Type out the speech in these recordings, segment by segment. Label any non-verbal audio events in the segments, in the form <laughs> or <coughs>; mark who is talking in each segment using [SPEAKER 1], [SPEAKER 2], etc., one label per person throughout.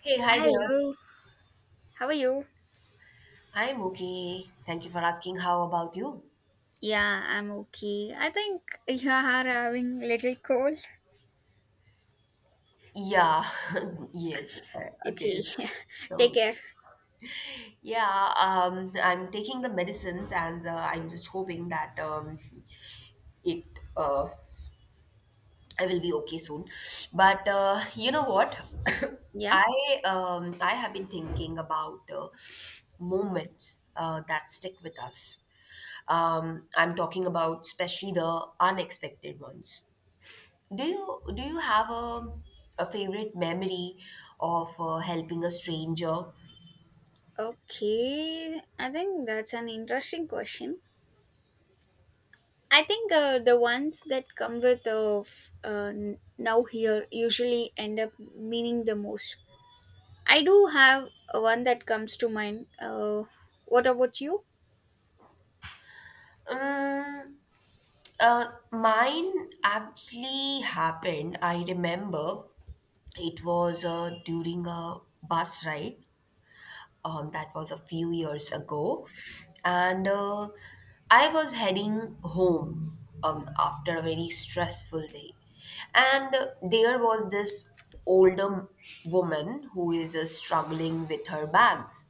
[SPEAKER 1] Hey, hi there.
[SPEAKER 2] Hello, how are you?
[SPEAKER 1] I'm okay. Thank you for asking. How about you?
[SPEAKER 2] Yeah, I'm okay. I think you are having little cold.
[SPEAKER 1] Yeah, <laughs> yes, it
[SPEAKER 2] Okay,
[SPEAKER 1] is.
[SPEAKER 2] <laughs> take
[SPEAKER 1] So,
[SPEAKER 2] care.
[SPEAKER 1] yeah, I'm taking the medicines and I'm just hoping that it uh, I will be okay soon. But you know what? <coughs>
[SPEAKER 2] Yeah.
[SPEAKER 1] I have been thinking about moments that stick with us. I'm talking about especially the unexpected ones. Do you have a favorite memory of helping a stranger?
[SPEAKER 2] Okay, I think that's an interesting question. I think the ones that come with now here usually end up meaning the most. I do have one that comes to mind. What about you?
[SPEAKER 1] Um, uh, Mine actually happened. I remember it was during a bus ride. That was a few years ago, and I was heading home after a very stressful day, and there was this older woman who is struggling with her bags.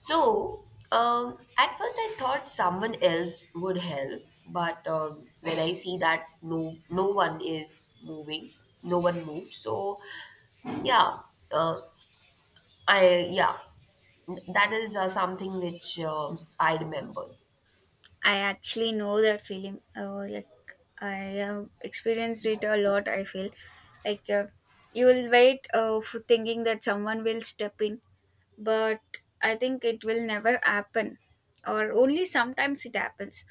[SPEAKER 1] So, at first I thought someone else would help, but when I see that no one is moving, no one moved. So, yeah, uh, I yeah, that is something which I remember.
[SPEAKER 2] I actually know that feeling. Like I have experienced it a lot. I feel like you will wait for thinking that someone will step in, but I think it will never happen, or only sometimes it happens.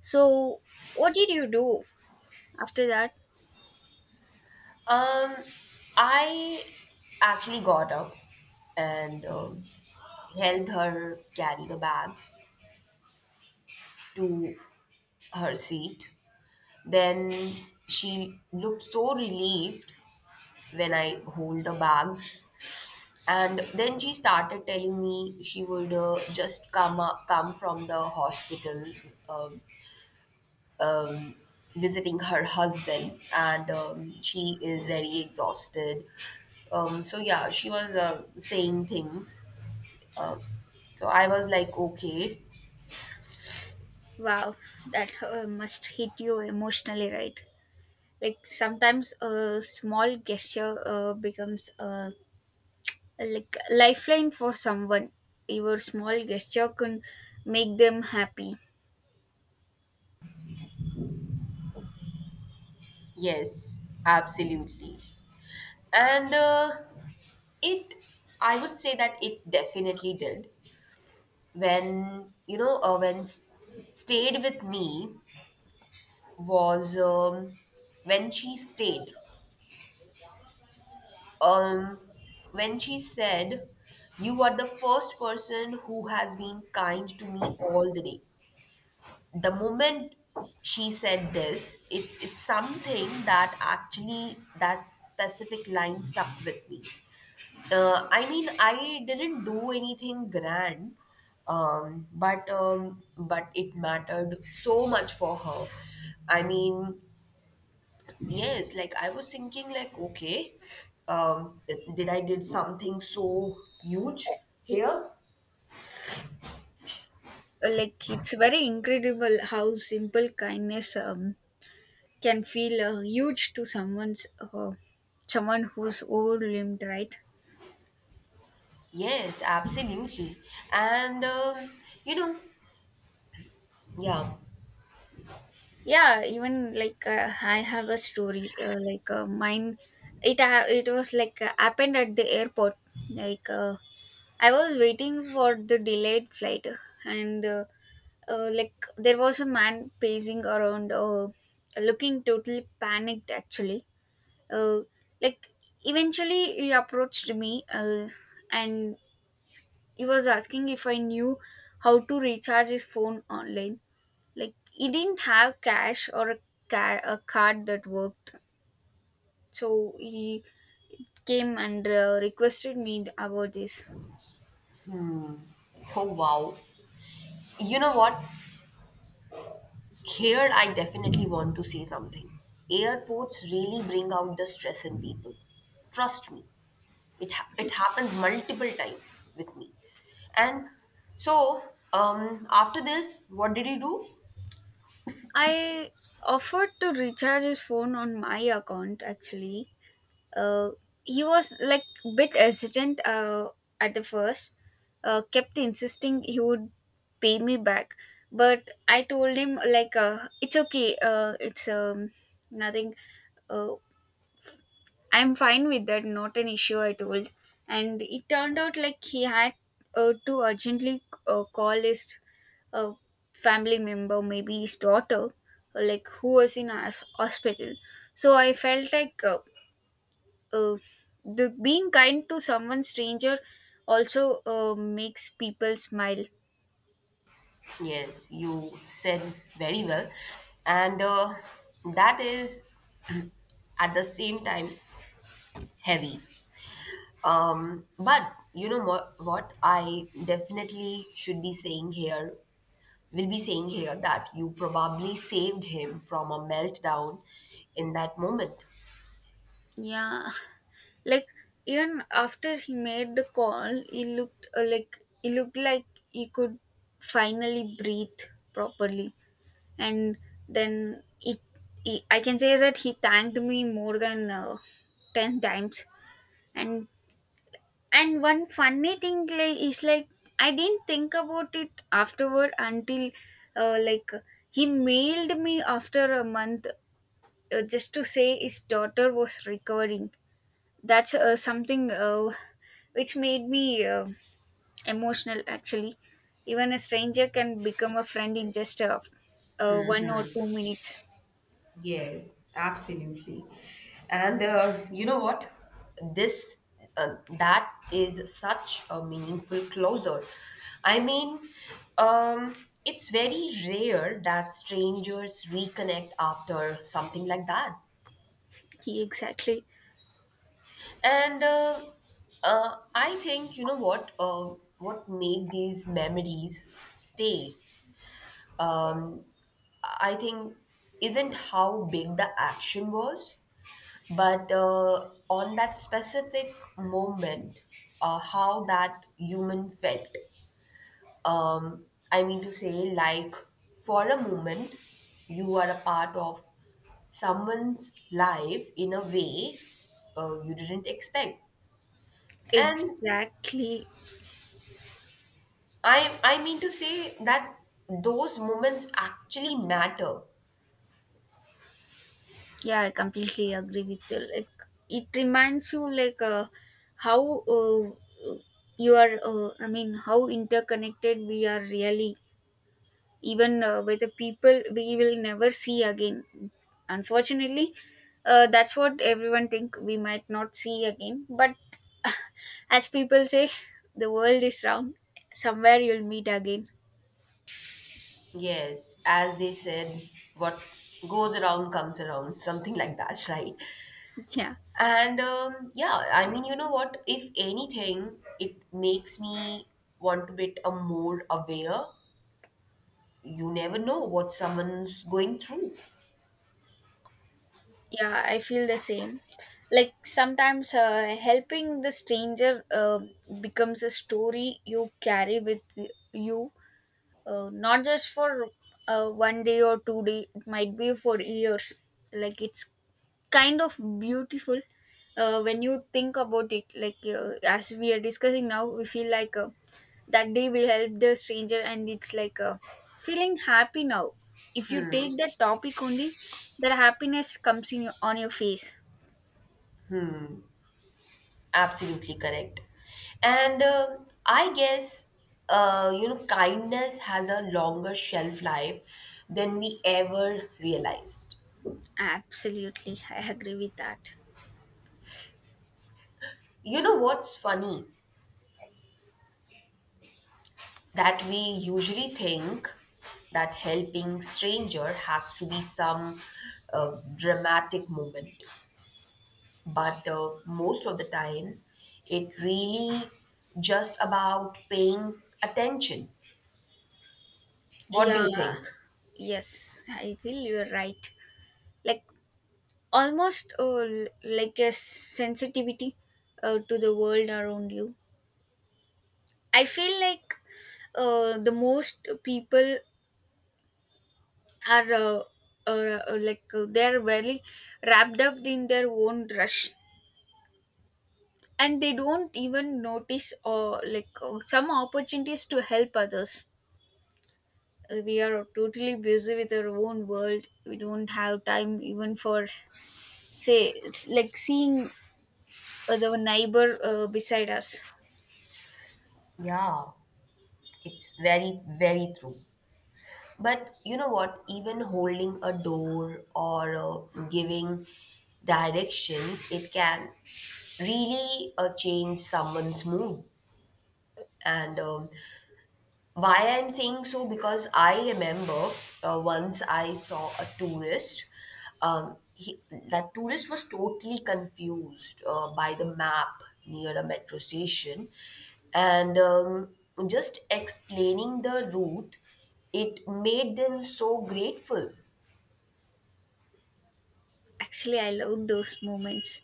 [SPEAKER 2] So, what did you do after that?
[SPEAKER 1] Um, I actually got up and helped her carry the bags to her seat. Then she looked so relieved when I hold the bags. And then she started telling me she would just come up, come from the hospital, um, um, visiting her husband, and she is very exhausted. So yeah, she was saying things. Um, so I was like, okay,
[SPEAKER 2] Wow, that must hit you emotionally, right? Like sometimes a small gesture becomes a like lifeline for someone, your small gesture can make them happy.
[SPEAKER 1] yes, absolutely, and it. I would say that it definitely did when you know when stayed with me was when she stayed um when she said, you are the first person who has been kind to me all the day. The moment she said this, it's something that actually, that specific line stuck with me. I mean, I didn't do anything grand, but it mattered so much for her. I mean, yes, like I was thinking, like okay, um, did I did something so huge here?
[SPEAKER 2] Like it's very incredible how simple kindness can feel huge to someone who's overwhelmed, right?
[SPEAKER 1] Yes, absolutely, and you know, yeah.
[SPEAKER 2] Yeah, even like I have a story mine. It was like happened at the airport. Like I was waiting for the delayed flight, and like there was a man pacing around looking totally panicked actually. uh, like Eventually he approached me and he was asking if I knew how to recharge his phone online. Like he didn't have cash or a card that worked, so he came and requested me about this.
[SPEAKER 1] Oh wow, you know what? Here, I definitely want to say something. Airports really bring out the stress in people. Trust me, it happens multiple times with me. And so, after this, what did you do?
[SPEAKER 2] I offered to recharge his phone on my account actually. Uh, he was like bit hesitant at the first, kept insisting he would pay me back. But I told him like it's okay, it's nothing. Uh, I'm fine with that, not an issue. I told, and it turned out like he had to urgently call his a family member, maybe his daughter, like who was in a hospital. So I felt like uh, the being kind to someone stranger also makes people smile.
[SPEAKER 1] Yes, you said very well, and that is at the same time heavy. But you know what I definitely should be saying here will be saying here that you probably saved him from a meltdown in that moment.
[SPEAKER 2] Yeah. <laughs> Like even after he made the call he looked like he looked like he could finally breathe properly. And then it I can say that he thanked me more than 10 times. And And one funny thing like is like I didn't think about it afterward until like he mailed me after a month just to say his daughter was recovering. That's something which made me emotional actually. Even a stranger can become a friend in just one or two minutes.
[SPEAKER 1] Yes, absolutely. And you know what? This That is such a meaningful closure. I mean, um, it's very rare that strangers reconnect after something like that.
[SPEAKER 2] He exactly.
[SPEAKER 1] And I think you know what made these memories stay. Uh, I think isn't how big the action was, but on that specific moment, how that human felt. I mean to say, like for a moment, you are a part of someone's life in a way you didn't expect, and
[SPEAKER 2] Exactly.
[SPEAKER 1] I mean to say that those moments actually matter.
[SPEAKER 2] Yeah, I completely agree with you. Like it reminds you like how you are. I mean, how interconnected we are really. Even with the people we will never see again. Unfortunately, that's what everyone think we might not see again. But <laughs> as people say, the world is round. Somewhere you'll meet again.
[SPEAKER 1] Yes, as they said, what goes around comes around, something like that, <laughs> right?
[SPEAKER 2] <laughs> Yeah.
[SPEAKER 1] And yeah, I mean, you know what? If anything, it makes me want to be a more aware. You never know what someone's going through.
[SPEAKER 2] Yeah, I feel the same. Like sometimes helping the stranger becomes a story you carry with you, not just for one day or two day. It might be for years. Like it's kind of beautiful when you think about it, like as we are discussing now, we feel like that day we helped the stranger, and it's like feeling happy now. If you take that topic only, that happiness comes in on your face.
[SPEAKER 1] Absolutely correct. And I guess, you know, kindness has a longer shelf life than we ever realized.
[SPEAKER 2] Absolutely, I agree with that.
[SPEAKER 1] You know what's funny? That we usually think that helping stranger has to be some dramatic moment, but most of the time it really just about paying attention. What do you
[SPEAKER 2] Yeah,
[SPEAKER 1] think?
[SPEAKER 2] yes, I feel you're right. Like almost like a sensitivity to the world around you. I feel like the most people are they're very wrapped up in their own rush, and they don't even notice or like some opportunities to help others. We are totally busy with our own world. We don't have time even for say it's like seeing the neighbor beside us.
[SPEAKER 1] Yeah, it's very true. But you know what, even holding a door or giving directions, it can really change someone's mood. And why I'm saying so, because I remember once I saw a tourist. Um, he, that tourist was totally confused by the map near a metro station. And just explaining the route, it made them so grateful.
[SPEAKER 2] Actually, I love those moments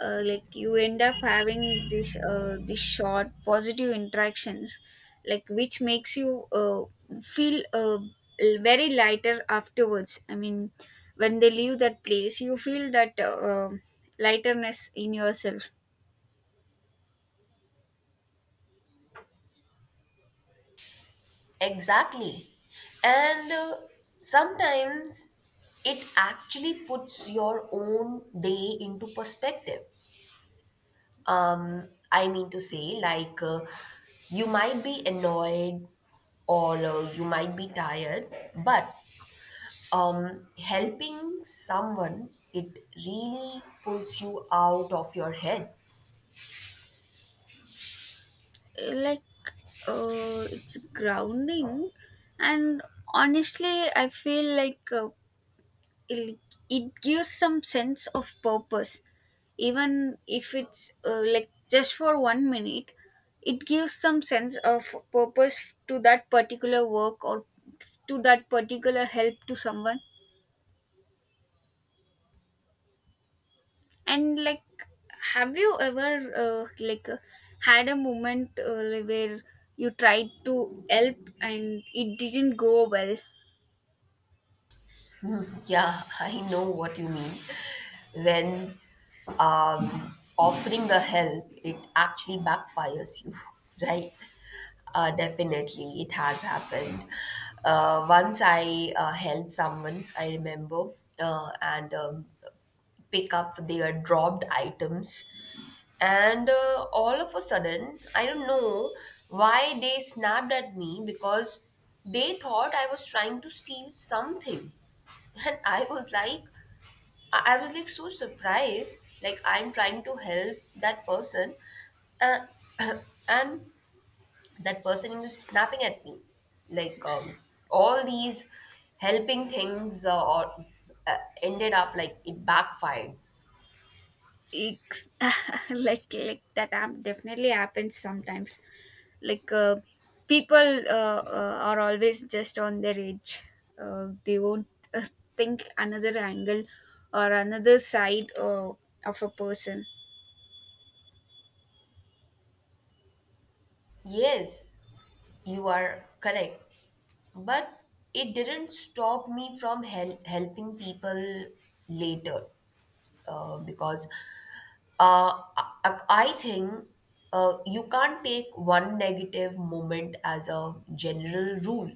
[SPEAKER 2] like you end up having this short positive interactions, like which makes you feel very lighter afterwards. I mean, when they leave that place, you feel that lighterness in yourself.
[SPEAKER 1] Exactly. And sometimes it actually puts your own day into perspective. I mean to say, like, you might be annoyed or you might be tired, but helping someone, it really pulls you out of your head.
[SPEAKER 2] Eh, like it's grounding, and honestly I feel like it, it gives some sense of purpose, even if it's like just for one minute. It gives some sense of purpose to that particular work or to that particular help to someone. And like have you ever had a moment where you tried to help and it didn't go well?
[SPEAKER 1] Yeah, I know what you mean. When offering the help, it actually backfires you, <laughs> right? Definitely, it has happened. Once I helped someone, I remember, and pick up their dropped items. And all of a sudden, I don't know why they snapped at me because they thought I was trying to steal something. <laughs> And I was like, I was like so surprised. Like, I'm trying to help that person. Uh, <coughs> <clears throat> and that person is snapping at me. Like, all these helping things ended up like it backfired.
[SPEAKER 2] Ex- <laughs> like that definitely happens sometimes. Like people are always just on their edge. They won't uh, think another angle or another side of a person.
[SPEAKER 1] Yes, you are correct. But it didn't stop me from helping people later because uh, I think you can't take one negative moment as a general rule.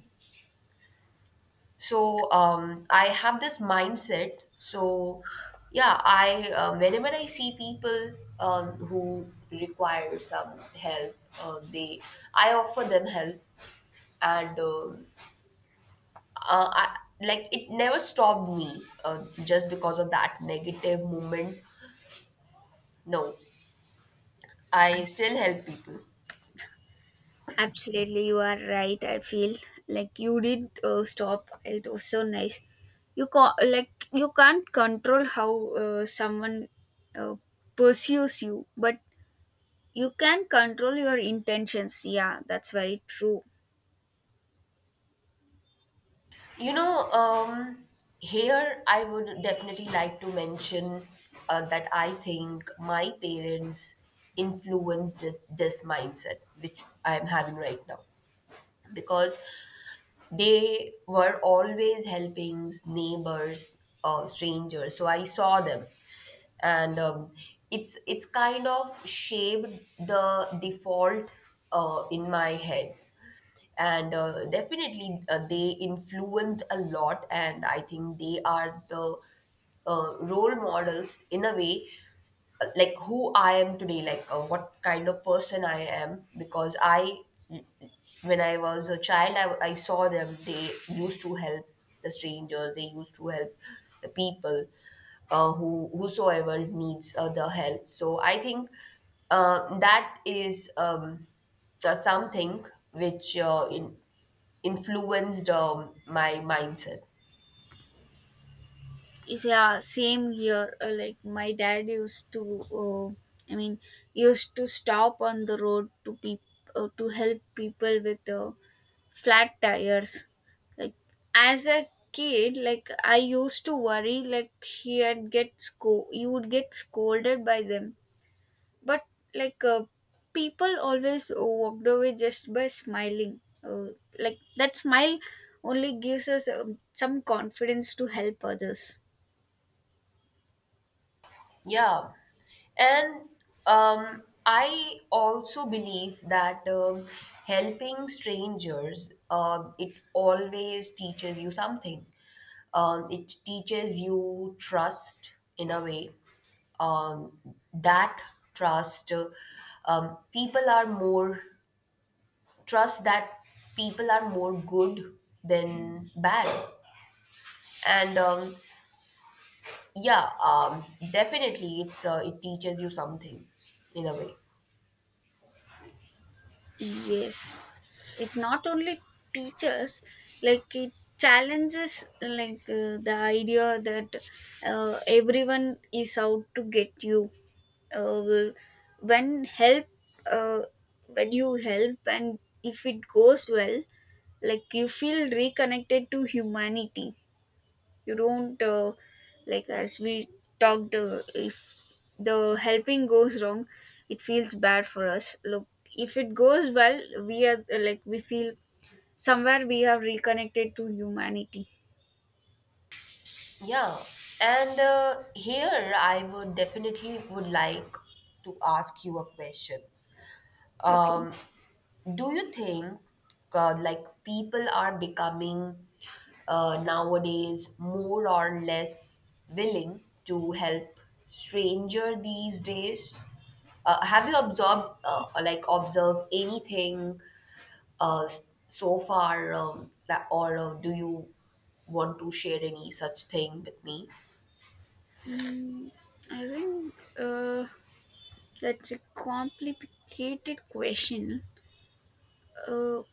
[SPEAKER 1] So I have this mindset. So yeah, I whenever I see people who require some help, they I offer them help. And like it never stopped me just because of that negative moment. No, I still help people.
[SPEAKER 2] Absolutely, you are right. I feel like you did stop. It was so nice. Like you can't control how someone uh, pursues you, but you can control your intentions. Yeah, that's very true.
[SPEAKER 1] You know, here I would definitely like to mention that I think my parents influenced this mindset which I am having right now, because they were always helping neighbors or strangers, so I saw them. And it's kind of shaped the default in my head. And definitely they influence a lot, and I think they are the role models in a way, like who I am today, like what kind of person I am. Because I when I was a child, I saw them. They used to help the strangers. They used to help the people, who whosoever needs the help. So I think that is the something which influenced my mindset.
[SPEAKER 2] Is yeah, same here. Like my dad used to, uh, I mean, used to stop on the road to to help people with flat tires. Like as a kid, like I used to worry, like he had get sco- you would get scolded by them, but like people always walked away just by smiling. Like that smile only gives us some confidence to help others.
[SPEAKER 1] Yeah, and I also believe that helping strangers, it always teaches you something. It teaches you trust in a way. Um, that trust, people are more, Trust that people are more good than bad. And yeah, definitely it's it teaches you something in a way.
[SPEAKER 2] Yes, it not only teaches, like it challenges, like the idea that everyone is out to get you. Well, when help, uh, when you help, and if it goes well, like you feel reconnected to humanity. You don't like, as we talked, if the helping goes wrong, it feels bad for us. Look, if it goes well, we are like, we feel somewhere we have reconnected to humanity.
[SPEAKER 1] Yeah. And here I would definitely would like to ask you a question.
[SPEAKER 2] Okay.
[SPEAKER 1] Um, Do you think like people are becoming nowadays more or less willing to help stranger these days? Have you observed like observed anything uh, s- so far that, or do you want to share any such thing with me?
[SPEAKER 2] Mm, I think that's a complicated question. uh,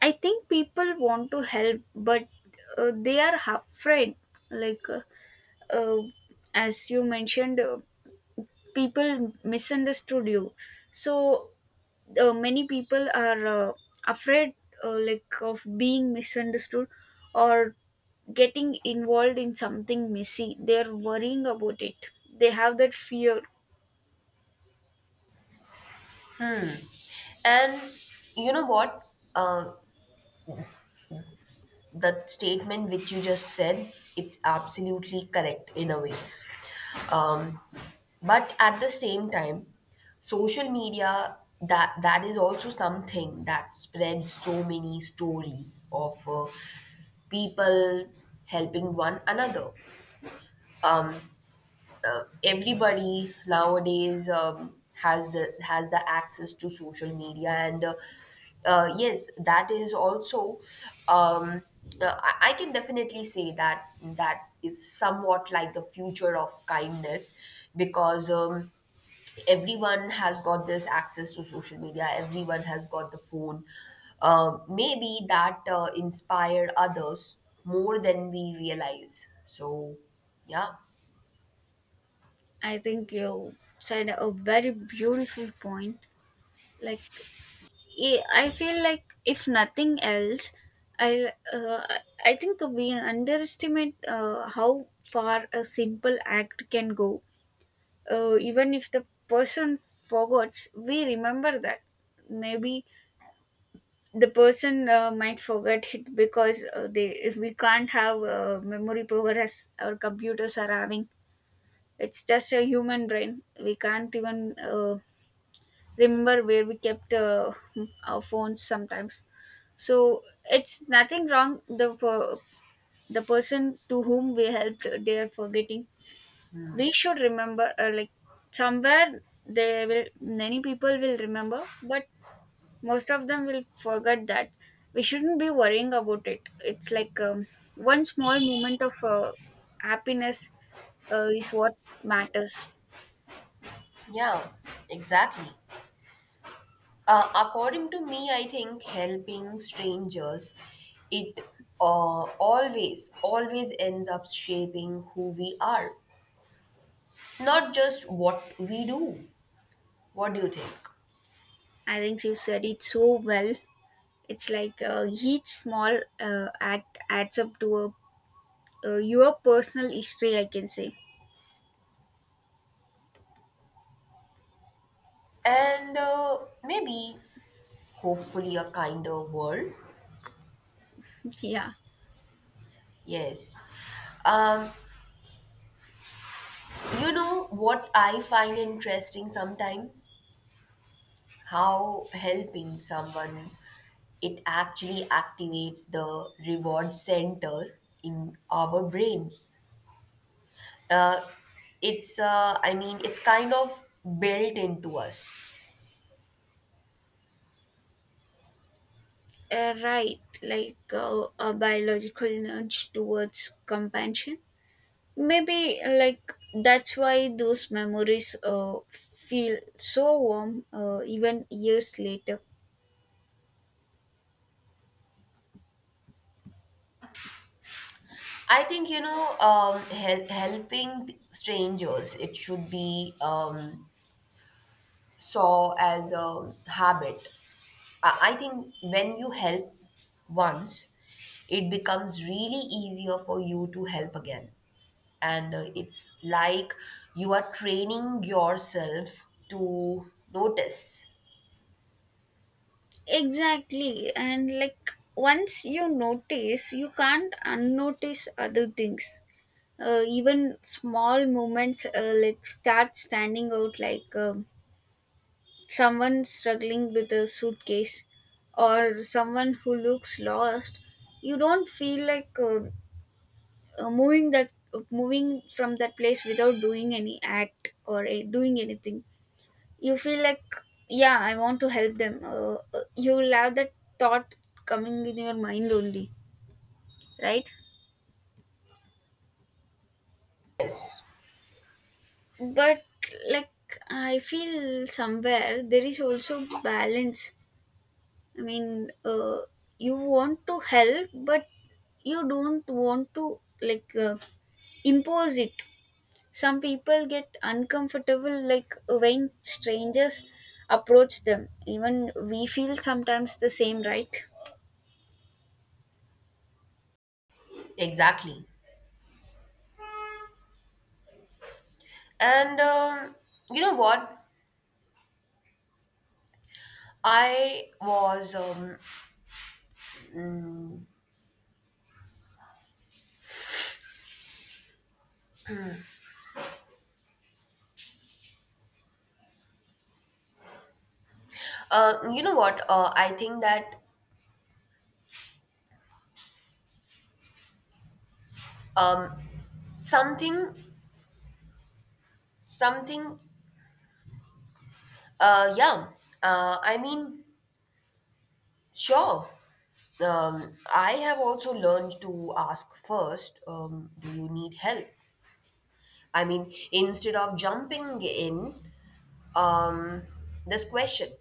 [SPEAKER 2] I think people want to help, but they are afraid, like uh, as you mentioned, people misunderstood you. So many people are afraid, like of being misunderstood or getting involved in something messy. They're worrying about it, they have that fear.
[SPEAKER 1] And you know what? Uh, the statement which you just said, it's absolutely correct in a way, um, but at the same time, social media, that is also something that spreads so many stories of people helping one another. Everybody nowadays has the access to social media. And yes, that is also um, I can definitely say that that is somewhat like the future of kindness, because everyone has got this access to social media, everyone has got the phone. Maybe that inspired others more than we realize. So yeah.
[SPEAKER 2] I think you said a very beautiful point. Like i I feel like if nothing else, i uh, I think we underestimate how far a simple act can go. Even if the person forgets, we remember that. Maybe the person might forget it, because they, if we can't have memory power as our computers are having. It's just a human brain. We can't even remember where we kept our phones sometimes. So it's nothing wrong. The person to whom we helped, they are forgetting. We should remember like somewhere they will, many people will remember, but most of them will forget that. We shouldn't be worrying about it. It's like one small moment of happiness is what matters.
[SPEAKER 1] Yeah, exactly. According to me, I think helping strangers, it uh, always ends up shaping who we are, not just what we do. What do you think?
[SPEAKER 2] I think you said it so well. It's like each small act adds up to your personal history, I can say.
[SPEAKER 1] And maybe hopefully a kinder world.
[SPEAKER 2] Yeah.
[SPEAKER 1] Yes. Um, you know what I find interesting sometimes? How helping someone, it actually activates the reward center in our brain. Uh, it's I mean, it's kind of built into us.
[SPEAKER 2] Right, like a biological nudge towards companionship. Maybe like that's why those memories feel so warm even years later.
[SPEAKER 1] I think, you know, helping strangers, it should be saw as a habit. I think when you help once, it becomes really easier for you to help again. And it's like you are training yourself to notice.
[SPEAKER 2] Exactly, and like once you notice, you can't unnotice other things. Even small moments like start standing out, like someone struggling with a suitcase or someone who looks lost. You don't feel like uh, moving that moving from that place without doing any act or doing anything. You feel like, yeah, I want to help them. You'll have that thought coming in your mind only, right?
[SPEAKER 1] Yes,
[SPEAKER 2] But like I feel somewhere there is also balance. I mean, you want to help, but you don't want to like impose it. Some people get uncomfortable, like when strangers approach them. Even we feel sometimes the same, right?
[SPEAKER 1] exactly. And you know what? I was, um, you know what? I think that um, something, something, yeah. I mean, sure. Um, I have also learned to ask first, do you need help? I mean, instead of jumping in, um, this question,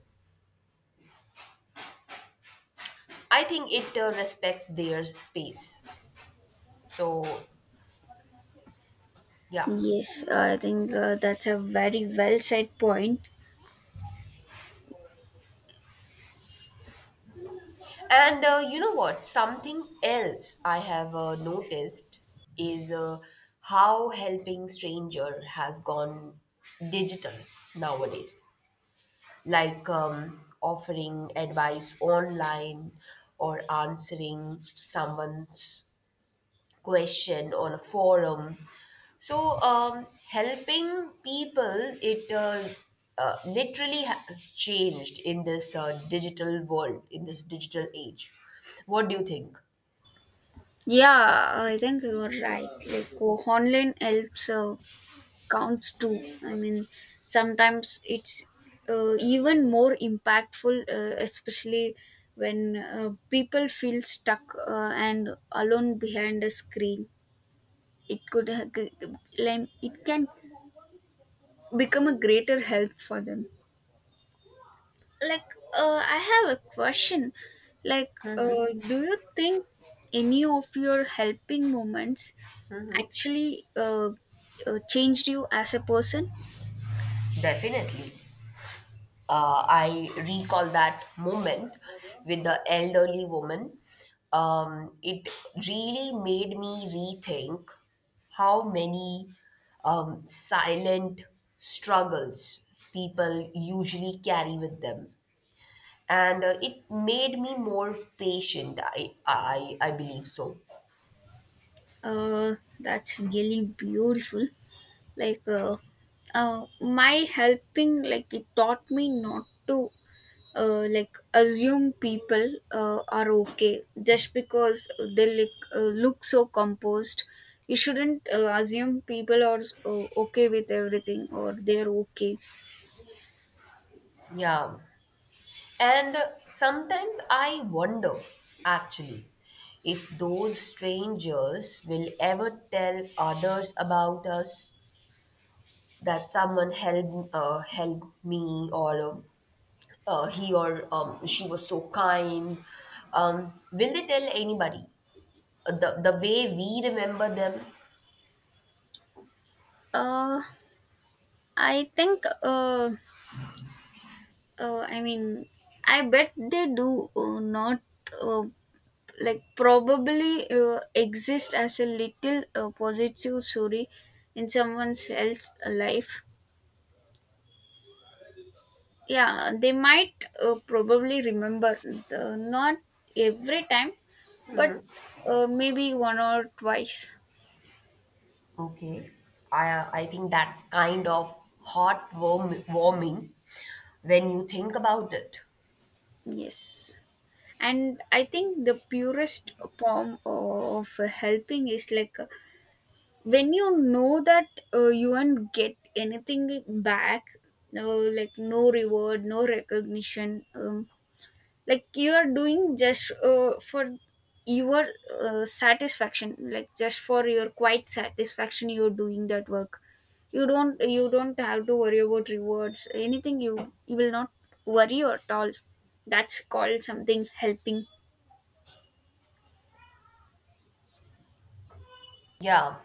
[SPEAKER 1] I think it respects their space. So, yeah.
[SPEAKER 2] Yes, I think that's a very well said point.
[SPEAKER 1] And you know what? Something else I have noticed is how helping stranger has gone digital nowadays, like offering advice online or answering someone's question on a forum. So, helping people, it literally has changed in this digital world, in this digital age. What do you think?
[SPEAKER 2] Yeah, I think you're right. Like, oh, online helps counts too. I mean, sometimes it's even more impactful, especially when people feel stuck and alone behind a screen. It could ha- g- Like it can become a greater help for them. Like I have a question. Like do you think any of your helping moments actually changed you as a person?
[SPEAKER 1] Definitely. I recall that moment with the elderly woman. It really made me rethink how many silent struggles people usually carry with them. And it made me more patient, I believe so.
[SPEAKER 2] That's really beautiful. Like my helping, like it taught me not to like assume people are okay just because they look so composed. You shouldn't assume people are okay with everything or they're okay.
[SPEAKER 1] Yeah. And sometimes I wonder, actually, if those strangers will ever tell others about us, that someone helped helped me, or he or she was so kind. Will they tell anybody, the way we remember them?
[SPEAKER 2] Uh i think uh, uh i mean, I bet they do. Not uh, like probably exist as a little positive story in someone else's life. Yeah, they might probably remember, not every time, but maybe one or twice.
[SPEAKER 1] Okay, I I think that's kind of heartwarm warming when you think about it.
[SPEAKER 2] Yes, and I think the purest form of helping is like when you know that you won't get anything back. No, like no reward, no recognition, like you are doing just for your satisfaction. Like just for your quiet satisfaction, you're doing that work. You don't have to worry about rewards, anything. You will not worry at all. That's called something helping.
[SPEAKER 1] Yeah,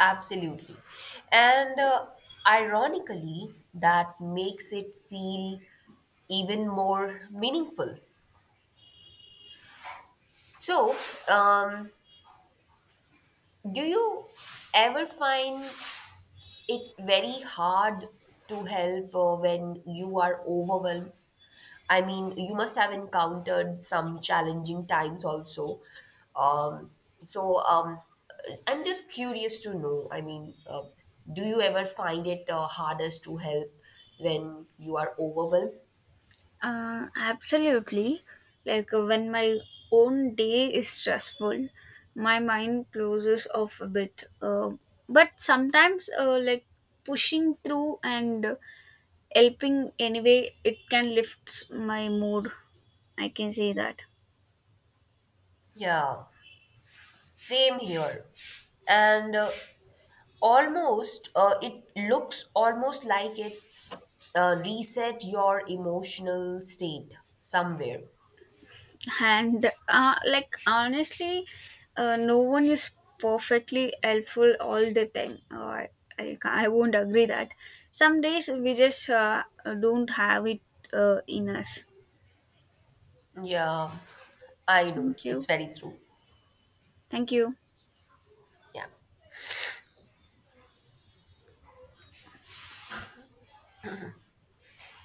[SPEAKER 1] absolutely. And ironically, that makes it feel even more meaningful. So, um, do you ever find it very hard to help when you are overwhelmed? I mean, you must have encountered some challenging times also. Um, so um, I'm just curious to know. I mean, do you ever find it hardest to help when you are overwhelmed?
[SPEAKER 2] Absolutely. Like when my own day is stressful, my mind closes off a bit, but sometimes like pushing through and helping anyway, it can lift my mood, I can say that.
[SPEAKER 1] Yeah, same here. And it looks almost like it reset your emotional state somewhere.
[SPEAKER 2] And like honestly, no one is perfectly helpful all the time. I won't agree that some days we just don't have it in us.
[SPEAKER 1] Yeah, I know.
[SPEAKER 2] Thank
[SPEAKER 1] It's
[SPEAKER 2] you,
[SPEAKER 1] very true.
[SPEAKER 2] thank you.
[SPEAKER 1] Yeah.